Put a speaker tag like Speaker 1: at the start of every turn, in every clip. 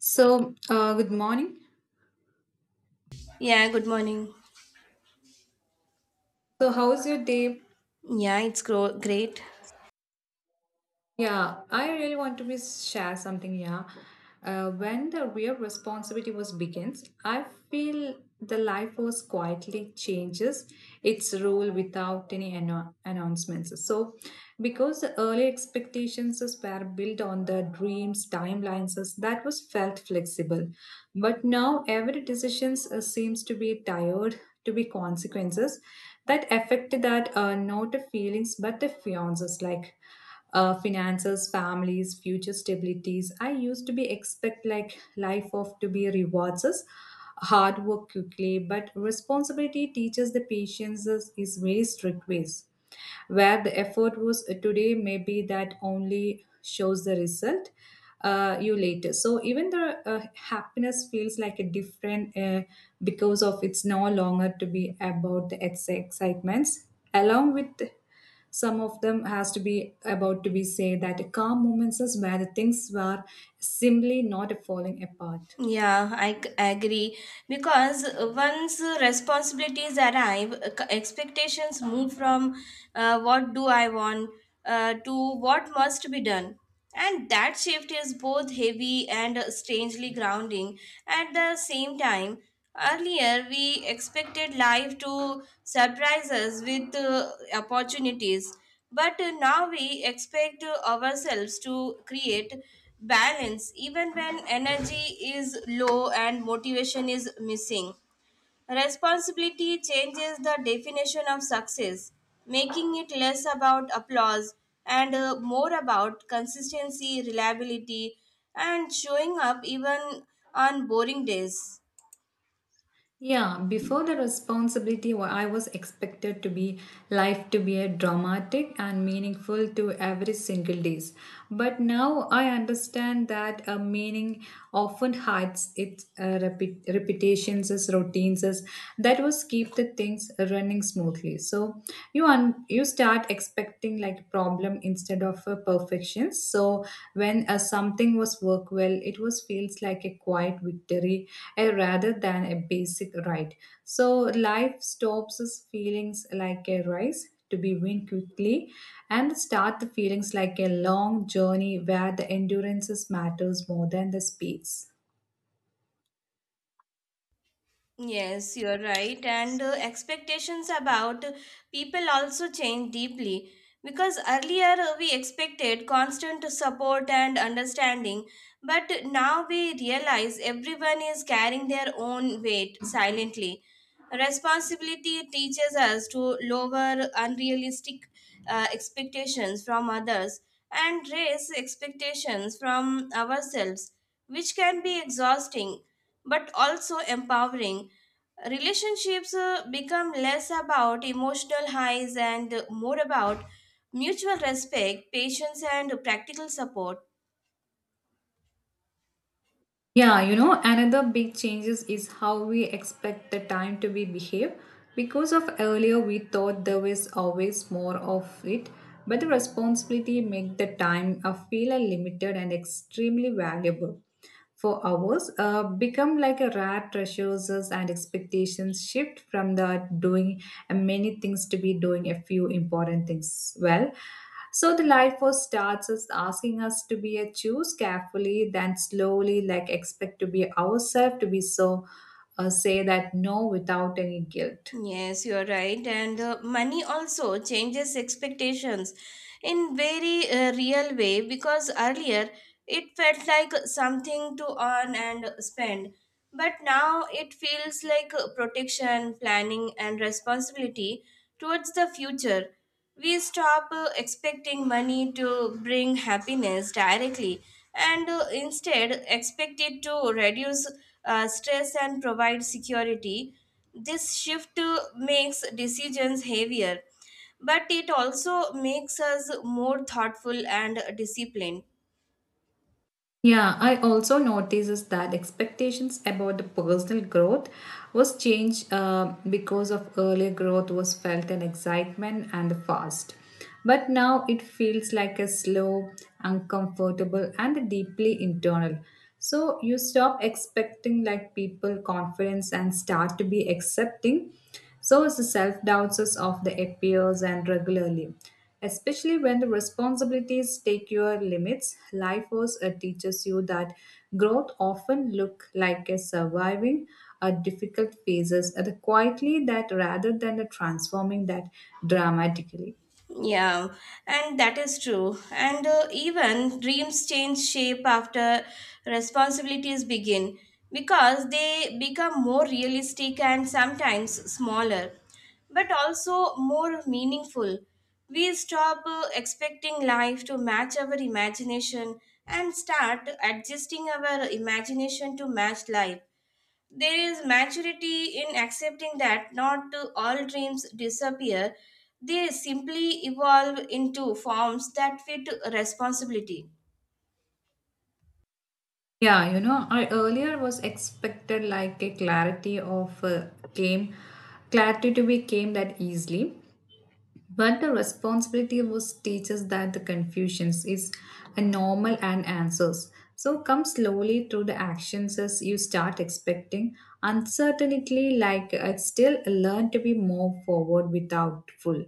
Speaker 1: So, good morning.
Speaker 2: Yeah, good morning.
Speaker 1: So, how's your day?
Speaker 2: Yeah, it's great.
Speaker 1: Yeah, I really want to be share something. Yeah, when the real responsibility was begins, I feel the life was quietly changes its role without any announcements. So, because the early expectations were built on the dreams, timelines, that was felt flexible. But now every decision seems to be tired to be consequences that affect that not the feelings but the fiances like finances, families, future stabilities. I used to be expect like life of to be rewards us hard work quickly, but responsibility teaches the patience is very strict ways where the effort was today maybe that only shows the result you later so even the happiness feels like a different because of it's no longer to be about the excitements along with some of them has to be about to be say that calm moments is where the things were simply not falling apart.
Speaker 2: Yeah, I agree. Because once responsibilities arrive, expectations move from what do I want to what must be done. And that shift is both heavy and strangely grounding. At the same time, earlier we expected life to surprise us with opportunities. But now we expect ourselves to create balance even when energy is low and motivation is missing. Responsibility changes the definition of success, making it less about applause and, more about consistency, reliability, and showing up even on boring days.
Speaker 1: Yeah, before the responsibility, I was expected to be life to be a dramatic and meaningful to every single days. But now I understand that a meaning often hides its repetitions as routines as that was keep the things running smoothly. So you start expecting like problem instead of a perfection so when something was work well it was feels like a quiet victory rather than a basic right so life stops us feelings like a rise to be win quickly and start the feelings like a long journey where the endurances matters more than the speeds.
Speaker 2: Yes, you're right. And, expectations about people also change deeply because earlier we expected constant support and understanding, but now we realize everyone is carrying their own weight silently. Responsibility teaches us to lower unrealistic expectations from others and raise expectations from ourselves, which can be exhausting but also empowering. Relationships become less about emotional highs and more about mutual respect, patience, and practical support.
Speaker 1: Yeah, you know, another big changes is how we expect the time to be behave. Because of earlier, we thought there was always more of it, but the responsibility make the time feel limited and extremely valuable. For hours, become like a rare treasures and expectations shift from the doing many things to be doing a few important things well. So the life force starts us asking us to be a choose carefully, then slowly like expect to be ourselves to be so say that no without any guilt.
Speaker 2: Yes, you are right. And, money also changes expectations in very real way, because earlier it felt like something to earn and spend. But now it feels like protection, planning, and responsibility towards the future. We stop expecting money to bring happiness directly and, instead, expect it to reduce stress and provide security. This shift makes decisions heavier, but it also makes us more thoughtful and disciplined.
Speaker 1: Yeah, I also notices that expectations about the personal growth was changed because of earlier growth was felt an excitement and fast. But now it feels like a slow, uncomfortable, and deeply internal. So you stop expecting like people confidence and start to be accepting. So it's the self doubts of the appears and regularly. Especially when the responsibilities take your limits, life force teaches you that growth often look like a surviving a difficult phases the quietly that rather than the transforming that dramatically.
Speaker 2: Yeah, and that is true. And, even dreams change shape after responsibilities begin because they become more realistic and sometimes smaller, but also more meaningful. We stop expecting life to match our imagination and start adjusting our imagination to match life. There is maturity in accepting that not all dreams disappear, they simply evolve into forms that fit responsibility.
Speaker 1: Yeah, you know, I earlier was expected like a clarity of game, clarity to be came that easily, but the responsibility was teaches that the confusions is a normal and answers. So come slowly through the actions as you start expecting uncertainty. Like I still learn to be more forward without full.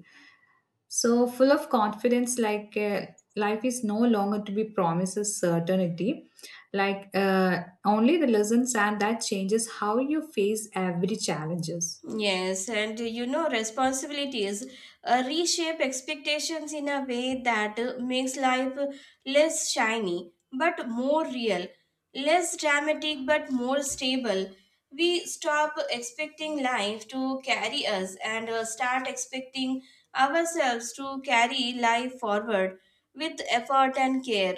Speaker 1: So full of confidence, like life is no longer to be promises certainty. Like only the lessons and that changes how you face every challenges.
Speaker 2: Yes, and, you know, responsibilities reshape expectations in a way that makes life less shiny but more real, less dramatic but more stable. We stop expecting life to carry us and, start expecting ourselves to carry life forward with effort and care.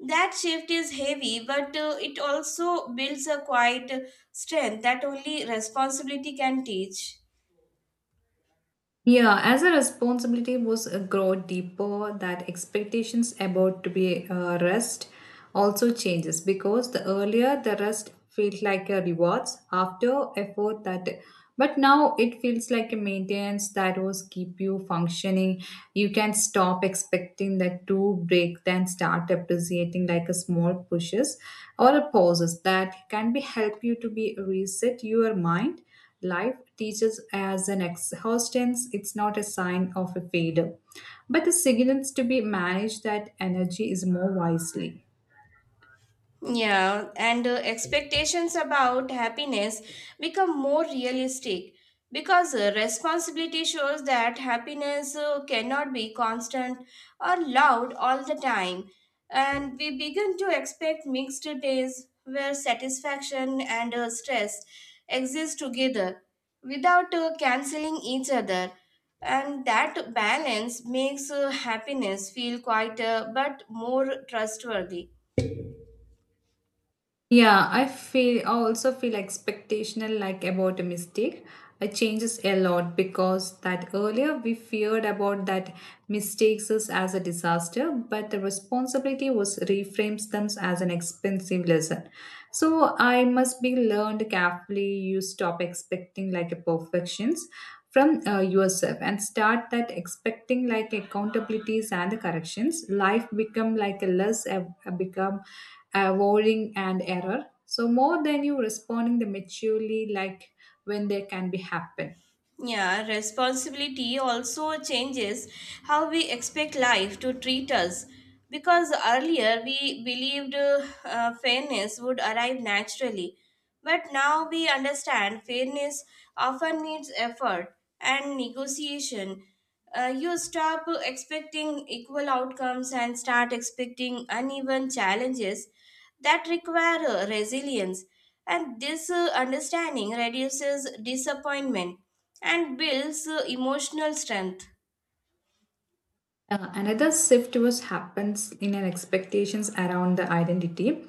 Speaker 2: That shift is heavy, but, it also builds a quiet strength that only responsibility can teach.
Speaker 1: Yeah, as a responsibility was grow deeper, that expectations about to be rest also changes because the earlier the rest felt like a rewards after effort that, but now it feels like a maintenance that was keep you functioning. You can stop expecting that to break then start appreciating like a small pushes or a pauses that can be help you to be reset your mind. Life teaches as an exhaustance, it's not a sign of a failure, but a signals to be managed that energy is more wisely.
Speaker 2: Yeah, and, expectations about happiness become more realistic because, responsibility shows that happiness cannot be constant or loud all the time. And we begin to expect mixed days where satisfaction and, stress exist together without canceling each other. And that balance makes happiness feel quieter but more trustworthy.
Speaker 1: Yeah, I feel I also feel expectational like about a mistake. It changes a lot because that earlier we feared about that mistakes is as a disaster, but the responsibility was reframes them as an expensive lesson. So I must be learned carefully. You stop expecting like a perfections from yourself and start that expecting like accountabilities and the corrections. Life become like a less a become avoiding an error. So more than you responding the maturely like when they can be happen.
Speaker 2: Yeah, responsibility also changes how we expect life to treat us. Because earlier we believed fairness would arrive naturally, but now we understand fairness often needs effort and negotiation. You stop expecting equal outcomes and start expecting uneven challenges that require resilience. And this understanding reduces disappointment and builds emotional strength.
Speaker 1: Another shift was happens in an expectations around the identity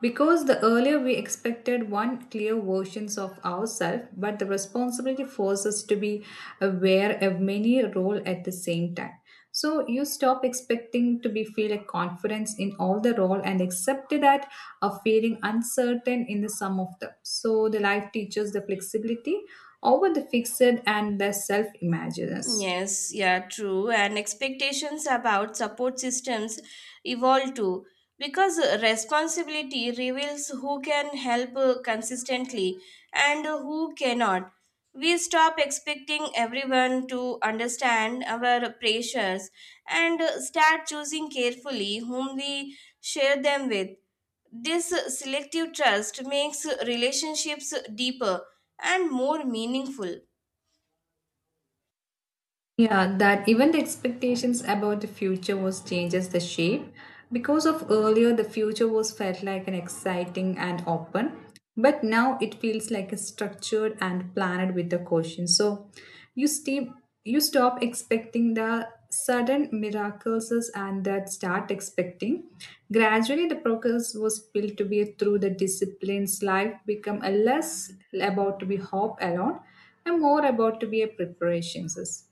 Speaker 1: because the earlier we expected one clear versions of ourselves but the responsibility forces us to be aware of many role at the same time so you stop expecting to be feel a confidence in all the role and accept that of feeling uncertain in the sum of them so the life teaches the flexibility over the fixed and the self imaginers.
Speaker 2: Yes, yeah, true. And expectations about support systems evolve too because, responsibility reveals who can help consistently and who cannot. We stop expecting everyone to understand our pressures and, start choosing carefully whom we share them with. This selective trust makes relationships deeper and more meaningful.
Speaker 1: Yeah, that even the expectations about the future was changes the shape. Because of earlier, the future was felt like an exciting and open, but now it feels like a structured and planned with the caution. So you stay, you stop expecting the sudden miracles and that start expecting. Gradually, the progress was built to be through the disciplines. Life become a less about to be hope alone and more about to be a preparations.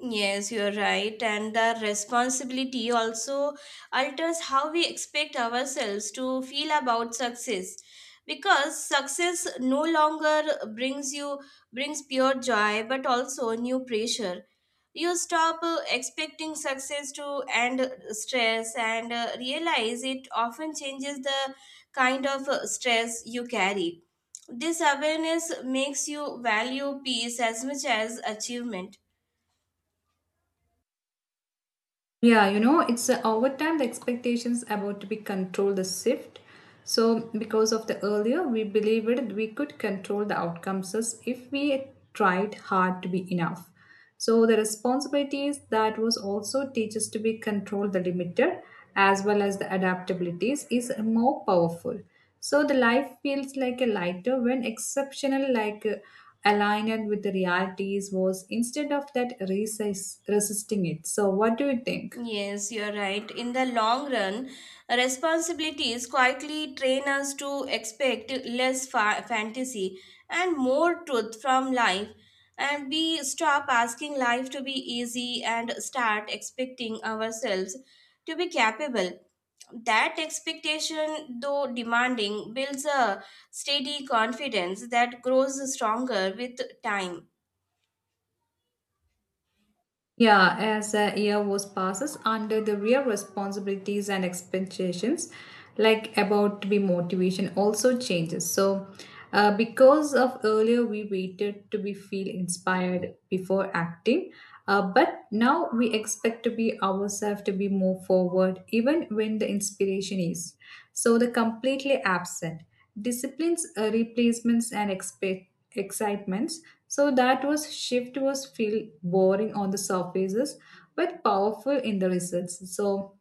Speaker 2: Yes, you're right. And the responsibility also alters how we expect ourselves to feel about success. Because success no longer brings you brings pure joy but also new pressure. You stop expecting success to end stress and, realize it often changes the kind of stress you carry. This awareness makes you value peace as much as achievement.
Speaker 1: Yeah, you know, it's over time the expectations about to be control the shift. So because of the earlier, we believed we could control the outcomes as if we tried hard to be enough. So the responsibilities that was also teaches to be control the limiter as well as the adaptabilities is more powerful. So the life feels like a lighter when exceptional, like aligned with the realities, was instead of that resisting it. So what do you think?
Speaker 2: Yes, you're right. In the long run, responsibilities quietly train us to expect less fantasy and more truth from life, and we stop asking life to be easy and start expecting ourselves to be capable. That expectation, though demanding, builds a steady confidence that grows stronger with time.
Speaker 1: Yeah, as the year was passes under the real responsibilities and expectations, like about to be motivation also changes. So, because of earlier we waited to be feel inspired before acting, but now we expect to be ourselves to be more forward even when the inspiration is so the completely absent disciplines, replacements, and expectations excitements. So that was shift was feel boring on the surfaces, but powerful in the results. So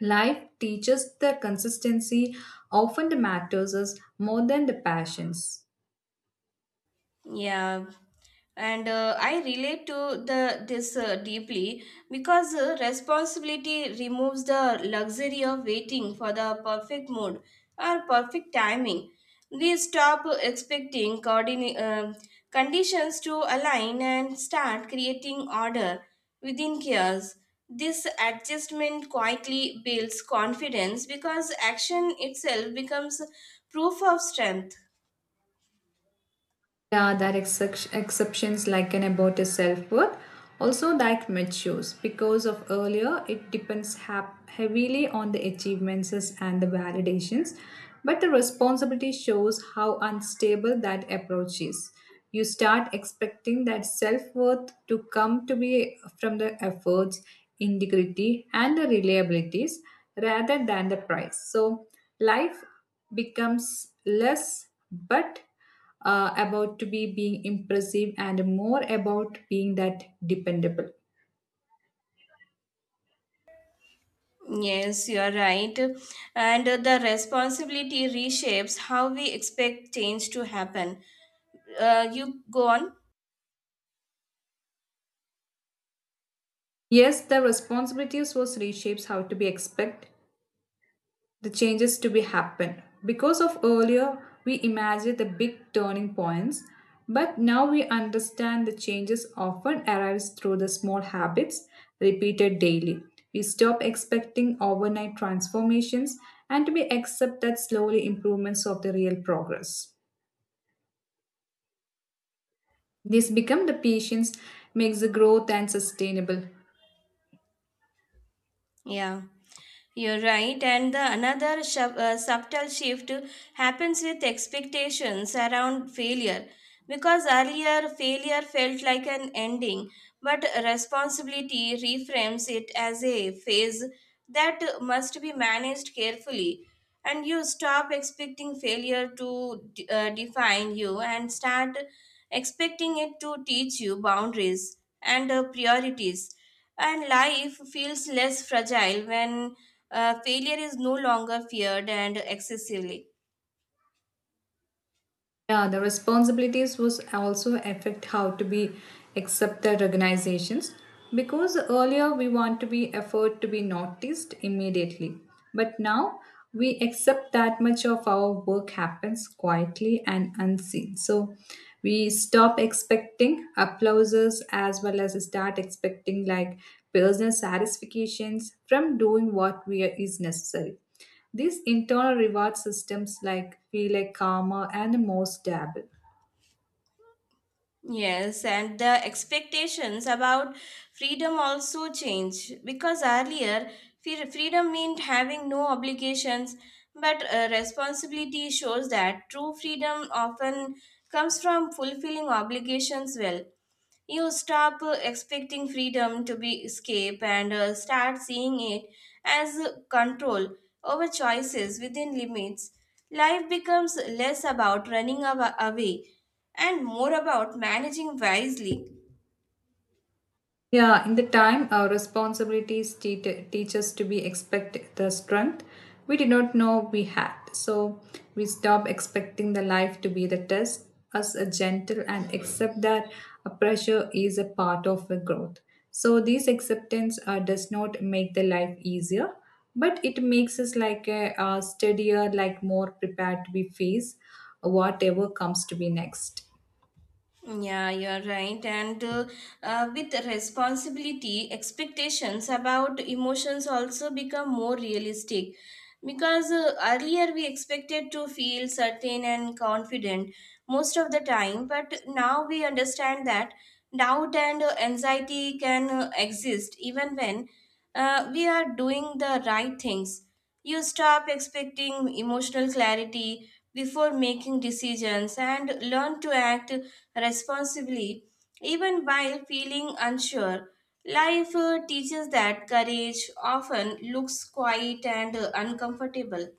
Speaker 1: life teaches the consistency often matters us more than the passions.
Speaker 2: Yeah, and, I relate to the this deeply because, responsibility removes the luxury of waiting for the perfect mood or perfect timing. We stop expecting conditions to align and start creating order within chaos. This adjustment quietly builds confidence because action itself becomes proof of strength.
Speaker 1: Yeah, there are exceptions like an about is self worth. Also, like matures because of earlier, it depends heavily on the achievements and the validations. But the responsibility shows how unstable that approach is. You start expecting that self worth to come to be from the efforts, integrity, and the reliabilities rather than the price. So, life becomes less, but about to be being impressive and more about being that dependable.
Speaker 2: Yes, you are right. And, the responsibility reshapes how we expect change to happen. You go on.
Speaker 1: Yes the responsibilities was reshapes how to be expect the changes to be happen because of earlier we imagined the big turning points but now we understand the changes often arrives through the small habits repeated daily. We stop expecting overnight transformations and we accept that slowly improvements of the real progress. This become the patience makes the growth and sustainable.
Speaker 2: Yeah. You're right, and the another subtle shift happens with expectations around failure because earlier failure felt like an ending, but responsibility reframes it as a phase that must be managed carefully. And you stop expecting failure to define you and start expecting it to teach you boundaries and, priorities. And life feels less fragile when, failure is no longer feared and excessively.
Speaker 1: Yeah, the responsibilities was also affect how to be accept the organizations because earlier we want to be effort to be noticed immediately, but now we accept that much of our work happens quietly and unseen. So we stop expecting applauses as well as start expecting like personal satisfactions from doing what we are, is necessary. These internal reward systems like feel like calmer and more stable.
Speaker 2: Yes, and the expectations about freedom also change because earlier freedom meant having no obligations, but, responsibility shows that true freedom often comes from fulfilling obligations well. You stop expecting freedom to be escape and, start seeing it as control over choices within limits. Life becomes less about running away and more about managing wisely.
Speaker 1: Yeah, in the time, our responsibilities teach us to be expect the strength we did not know we had. So we stop expecting the life to be the test, us a gentle and accept that a pressure is a part of a growth. So this acceptance does not make the life easier, but it makes us like a, steadier, like more prepared to be face whatever comes to be next.
Speaker 2: Yeah, you're right. And with responsibility, expectations about emotions also become more realistic. Because, earlier we expected to feel certain and confident most of the time, but now we understand that doubt and, anxiety can exist even when we are doing the right things. You stop expecting emotional clarity before making decisions and learn to act responsibly, even while feeling unsure. Life teaches that courage often looks quiet and, uncomfortable.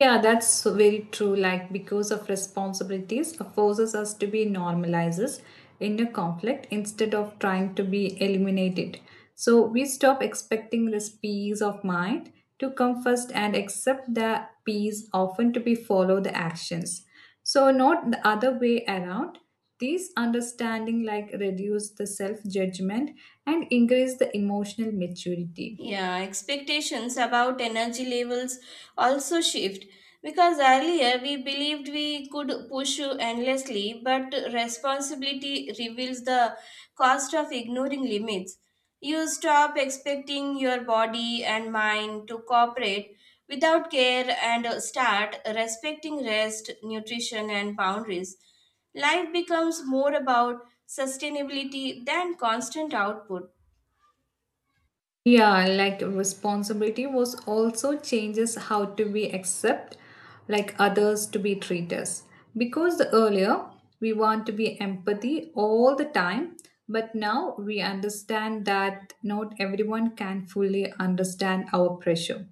Speaker 1: Yeah, that's so very true. Like, because of responsibilities, forces us to be normalizers in a conflict instead of trying to be eliminated. So, we stop expecting this peace of mind to come first and accept that peace often to be follow the actions. So, not the other way around. These understanding like reduce the self judgment and increase the emotional maturity.
Speaker 2: Yeah, expectations about energy levels also shift because earlier we believed we could push endlessly, but responsibility reveals the cost of ignoring limits. You stop expecting your body and mind to cooperate without care and start respecting rest, nutrition, and boundaries. Life becomes more about sustainability than constant output.
Speaker 1: Yeah, like responsibility was also changes how to be accept, like others to be treat us. Because the earlier we want to be empathy all the time, but now we understand that not everyone can fully understand our pressure.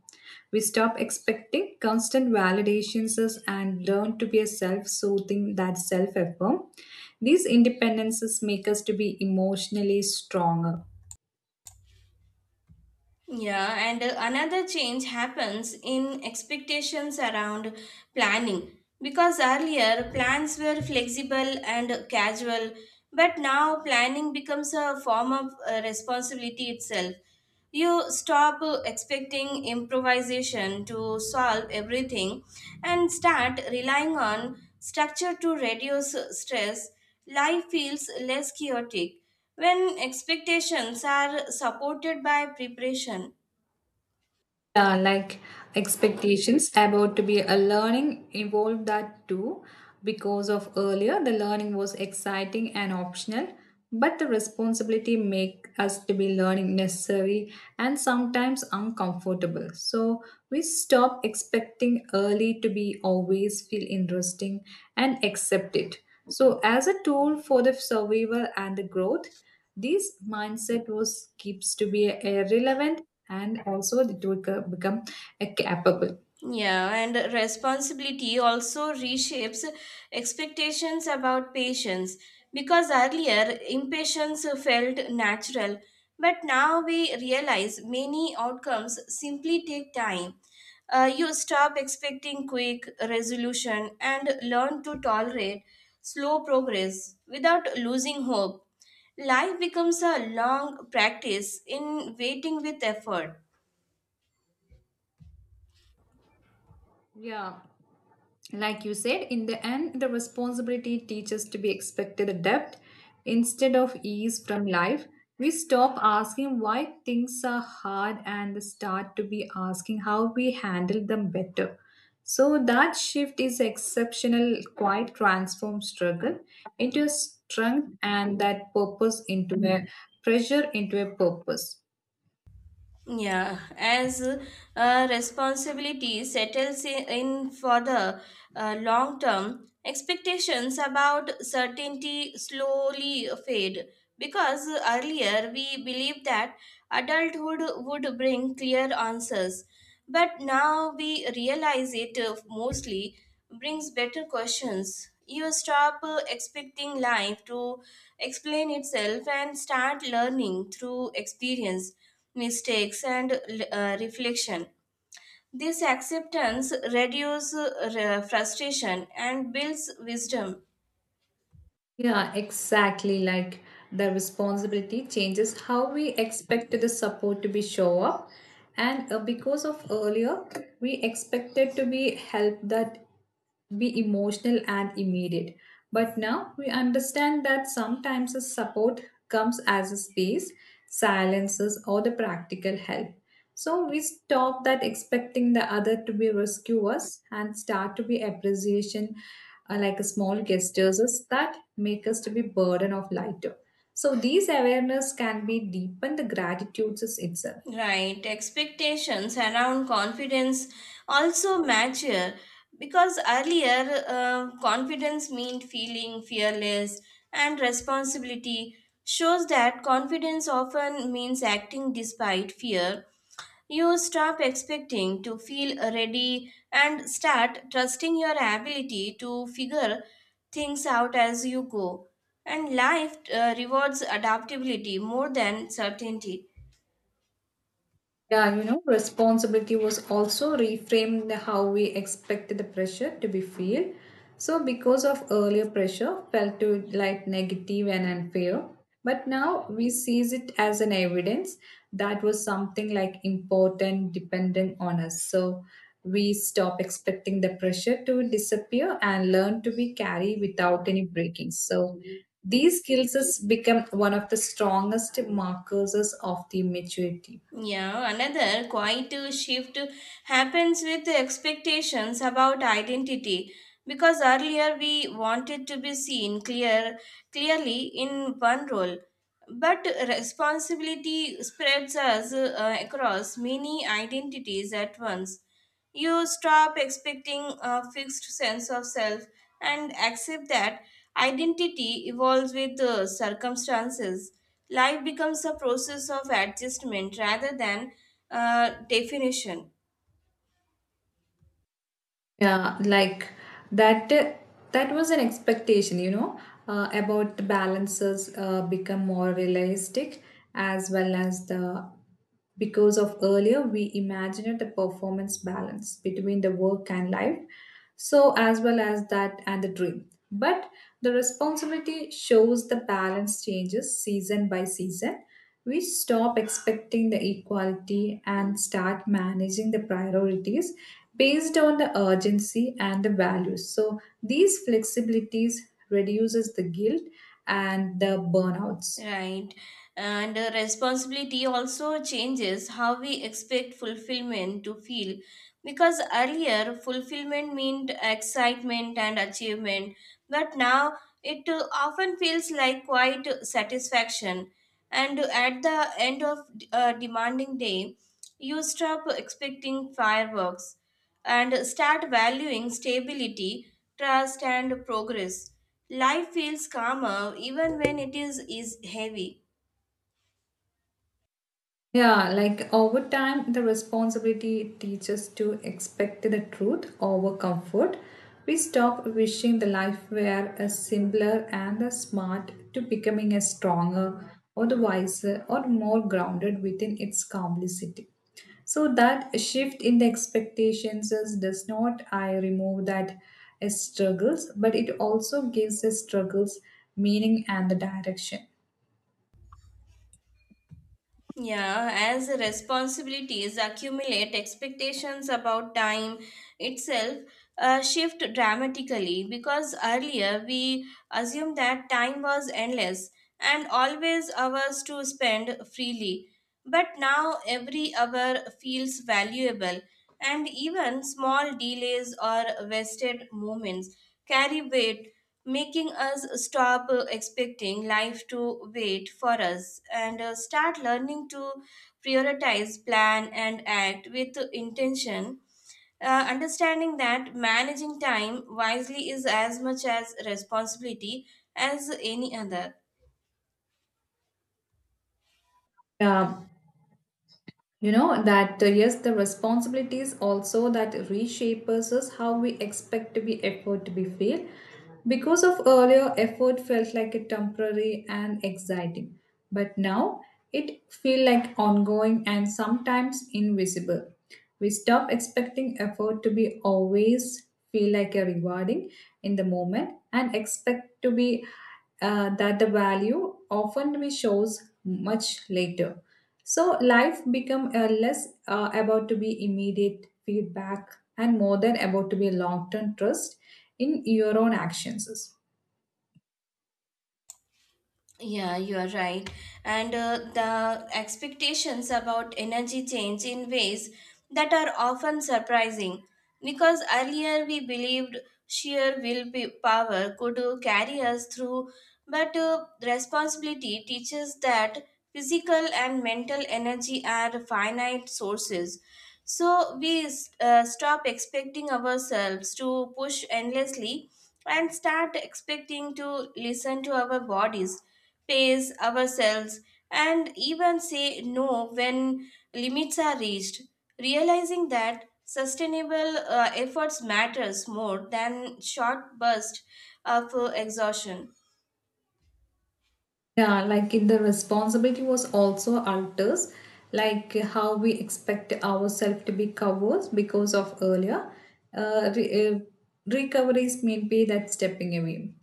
Speaker 1: We stop expecting constant validations and learn to be a self-soothing that self-affirm. These independences make us to be emotionally stronger.
Speaker 2: Yeah, and, another change happens in expectations around planning because earlier plans were flexible and casual, but now planning becomes a form of responsibility itself. You stop expecting improvisation to solve everything and start relying on structure to reduce stress. Life feels less chaotic when expectations are supported by preparation.
Speaker 1: Yeah, like expectations about to be a learning evolved that too, because of earlier the learning was exciting and optional, but the responsibility make us to be learning necessary and sometimes uncomfortable. So we stop expecting early to be always feel interesting and accept it so as a tool for the survival and the growth. This mindset was keeps to be irrelevant and also it will become a capable.
Speaker 2: Yeah, and responsibility also reshapes expectations about patients because earlier impatience felt natural, but now we realize many outcomes simply take time. You stop expecting quick resolution and learn to tolerate slow progress without losing hope. Life becomes a long practice in waiting with effort.
Speaker 1: Yeah, like you said, in the end the responsibility teaches to be expected a depth instead of ease from life. We stop asking why things are hard and start to be asking how we handle them better. So that shift is exceptional, quite transform struggle into a strength and that purpose into a pressure into a purpose.
Speaker 2: Yeah, as, responsibility settles in for the long term, expectations about certainty slowly fade because earlier we believed that adulthood would bring clear answers. But now we realize it, mostly brings better questions. You stop expecting life to explain itself and start learning through experience, mistakes, and, reflection. This acceptance reduces frustration and builds wisdom.
Speaker 1: Yeah, exactly. Like the responsibility changes how we expect the support to be show up. And because of earlier, we expected to be help that be emotional and immediate. But now we understand that sometimes the support comes as a space, silences, or the practical help. So we stop that expecting the other to be rescuers and start to be appreciation, like a small gestures is that make us to be burden of lighter. So these awareness can be deepened the gratitudes is itself.
Speaker 2: Right, expectations around confidence also matter because earlier confidence meant feeling fearless, and responsibility shows that confidence often means acting despite fear. You stop expecting to feel ready and start trusting your ability to figure things out as you go. And life rewards adaptability more than certainty.
Speaker 1: Yeah, you know, responsibility was also reframed the how we expected the pressure to be feel. So because of earlier pressure felt to like negative and unfair, but now we sees it as an evidence that was something like important dependent on us. So we stop expecting the pressure to disappear and learn to be carry without any breakings. So these skills has become one of the strongest markers of the maturity.
Speaker 2: Yeah, another quiet shift happens with expectations about identity because earlier we wanted to be seen clearly in one role, but responsibility spreads us across many identities at once. You stop expecting a fixed sense of self and accept that identity evolves with the circumstances. Life becomes a process of adjustment rather than, definition.
Speaker 1: Yeah, like that. That was an expectation, you know, about the balances become more realistic as well as the, because of earlier we imagined the performance balance between the work and life, so as well as that and the dream. But the responsibility shows the balance changes season by season. We stop expecting the equality and start managing the priorities based on the urgency and the values. So these flexibilities reduces the guilt and the burnouts.
Speaker 2: Right. And, responsibility also changes how we expect fulfillment to feel because earlier fulfillment meant excitement and achievement, but now it, often feels like quite satisfaction, and at the end of a demanding day, you stop expecting fireworks and start valuing stability, trust, and progress. Life feels calmer even when it is heavy.
Speaker 1: Yeah, like over time, the responsibility teaches to expect the truth over comfort. We stop wishing the life were a simpler and a smart to becoming a stronger or the wiser or more grounded within its complicity. So that shift in the expectations is, does not I remove that as struggles, but it also gives the struggles meaning and the direction.
Speaker 2: Yeah, as responsibilities accumulate, expectations about time itself, shift dramatically because earlier we assumed that time was endless and always ours to spend freely. But now every hour feels valuable, and even small delays or wasted moments carry weight, making us stop expecting life to wait for us and, start learning to prioritize, plan, and act with intention. Understanding that managing time wisely is as much as responsibility as any other.
Speaker 1: Yeah, you know that yes the responsibilities also that reshapes us is how we expect to be effort to be feel, because of earlier effort felt like a temporary and exciting, but now it feel like ongoing and sometimes invisible. We stop expecting effort to be always feel like a rewarding in the moment and expect to be, that the value often we shows much later. So life become less about to be immediate feedback and more than about to be long term trust in your own actions.
Speaker 2: Yeah, you are right. And, the expectations about energy change in ways that are often surprising because earlier we believed sheer will be power could carry us through, but, responsibility teaches that physical and mental energy are finite sources. So we stop expecting ourselves to push endlessly and start expecting to listen to our bodies, pace ourselves, and even say no when limits are reached. Realizing that sustainable efforts matters more than short bursts of exhaustion.
Speaker 1: Yeah, like in the responsibility was also alters, like how we expect ourselves to be covered because of earlier uh, re- uh, recoveries may be that stepping away.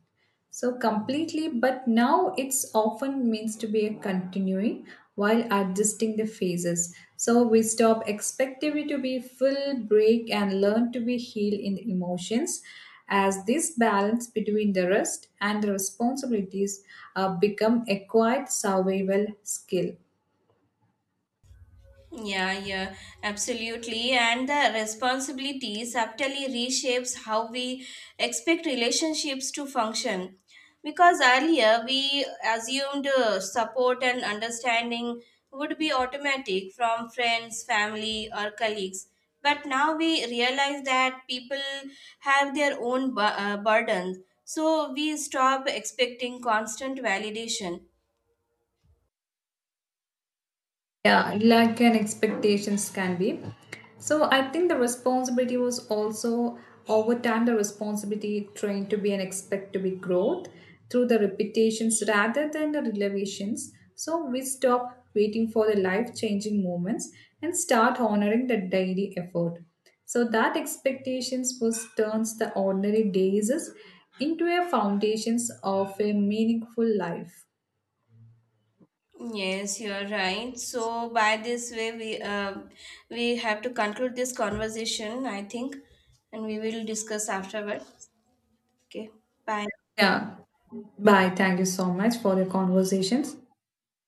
Speaker 1: So completely, but now it's often means to be a continuing while adjusting the phases. So we stop expectivity to be full break and learn to be healed in the emotions as this balance between the rest and the responsibilities become a quiet survival skill.
Speaker 2: Yeah, absolutely. And the responsibility subtly reshapes how we expect relationships to function. Because earlier we assumed support and understanding would be automatic from friends, family, or colleagues. But now we realize that people have their own burdens. So we stop expecting constant validation.
Speaker 1: Yeah, lack and expectations can be. So I think the responsibility was also, over time the responsibility trained to be and expect to be growth through the repetitions rather than the revelations. So we stop waiting for the life changing moments and start honoring the daily effort. So that expectations was turns the ordinary days into a foundations of a meaningful life.
Speaker 2: Yes, you're right. So by this way, we, have to conclude this conversation, I think, and we will discuss afterward. Okay, bye.
Speaker 1: Yeah. Bye. Thank you so much for your conversations.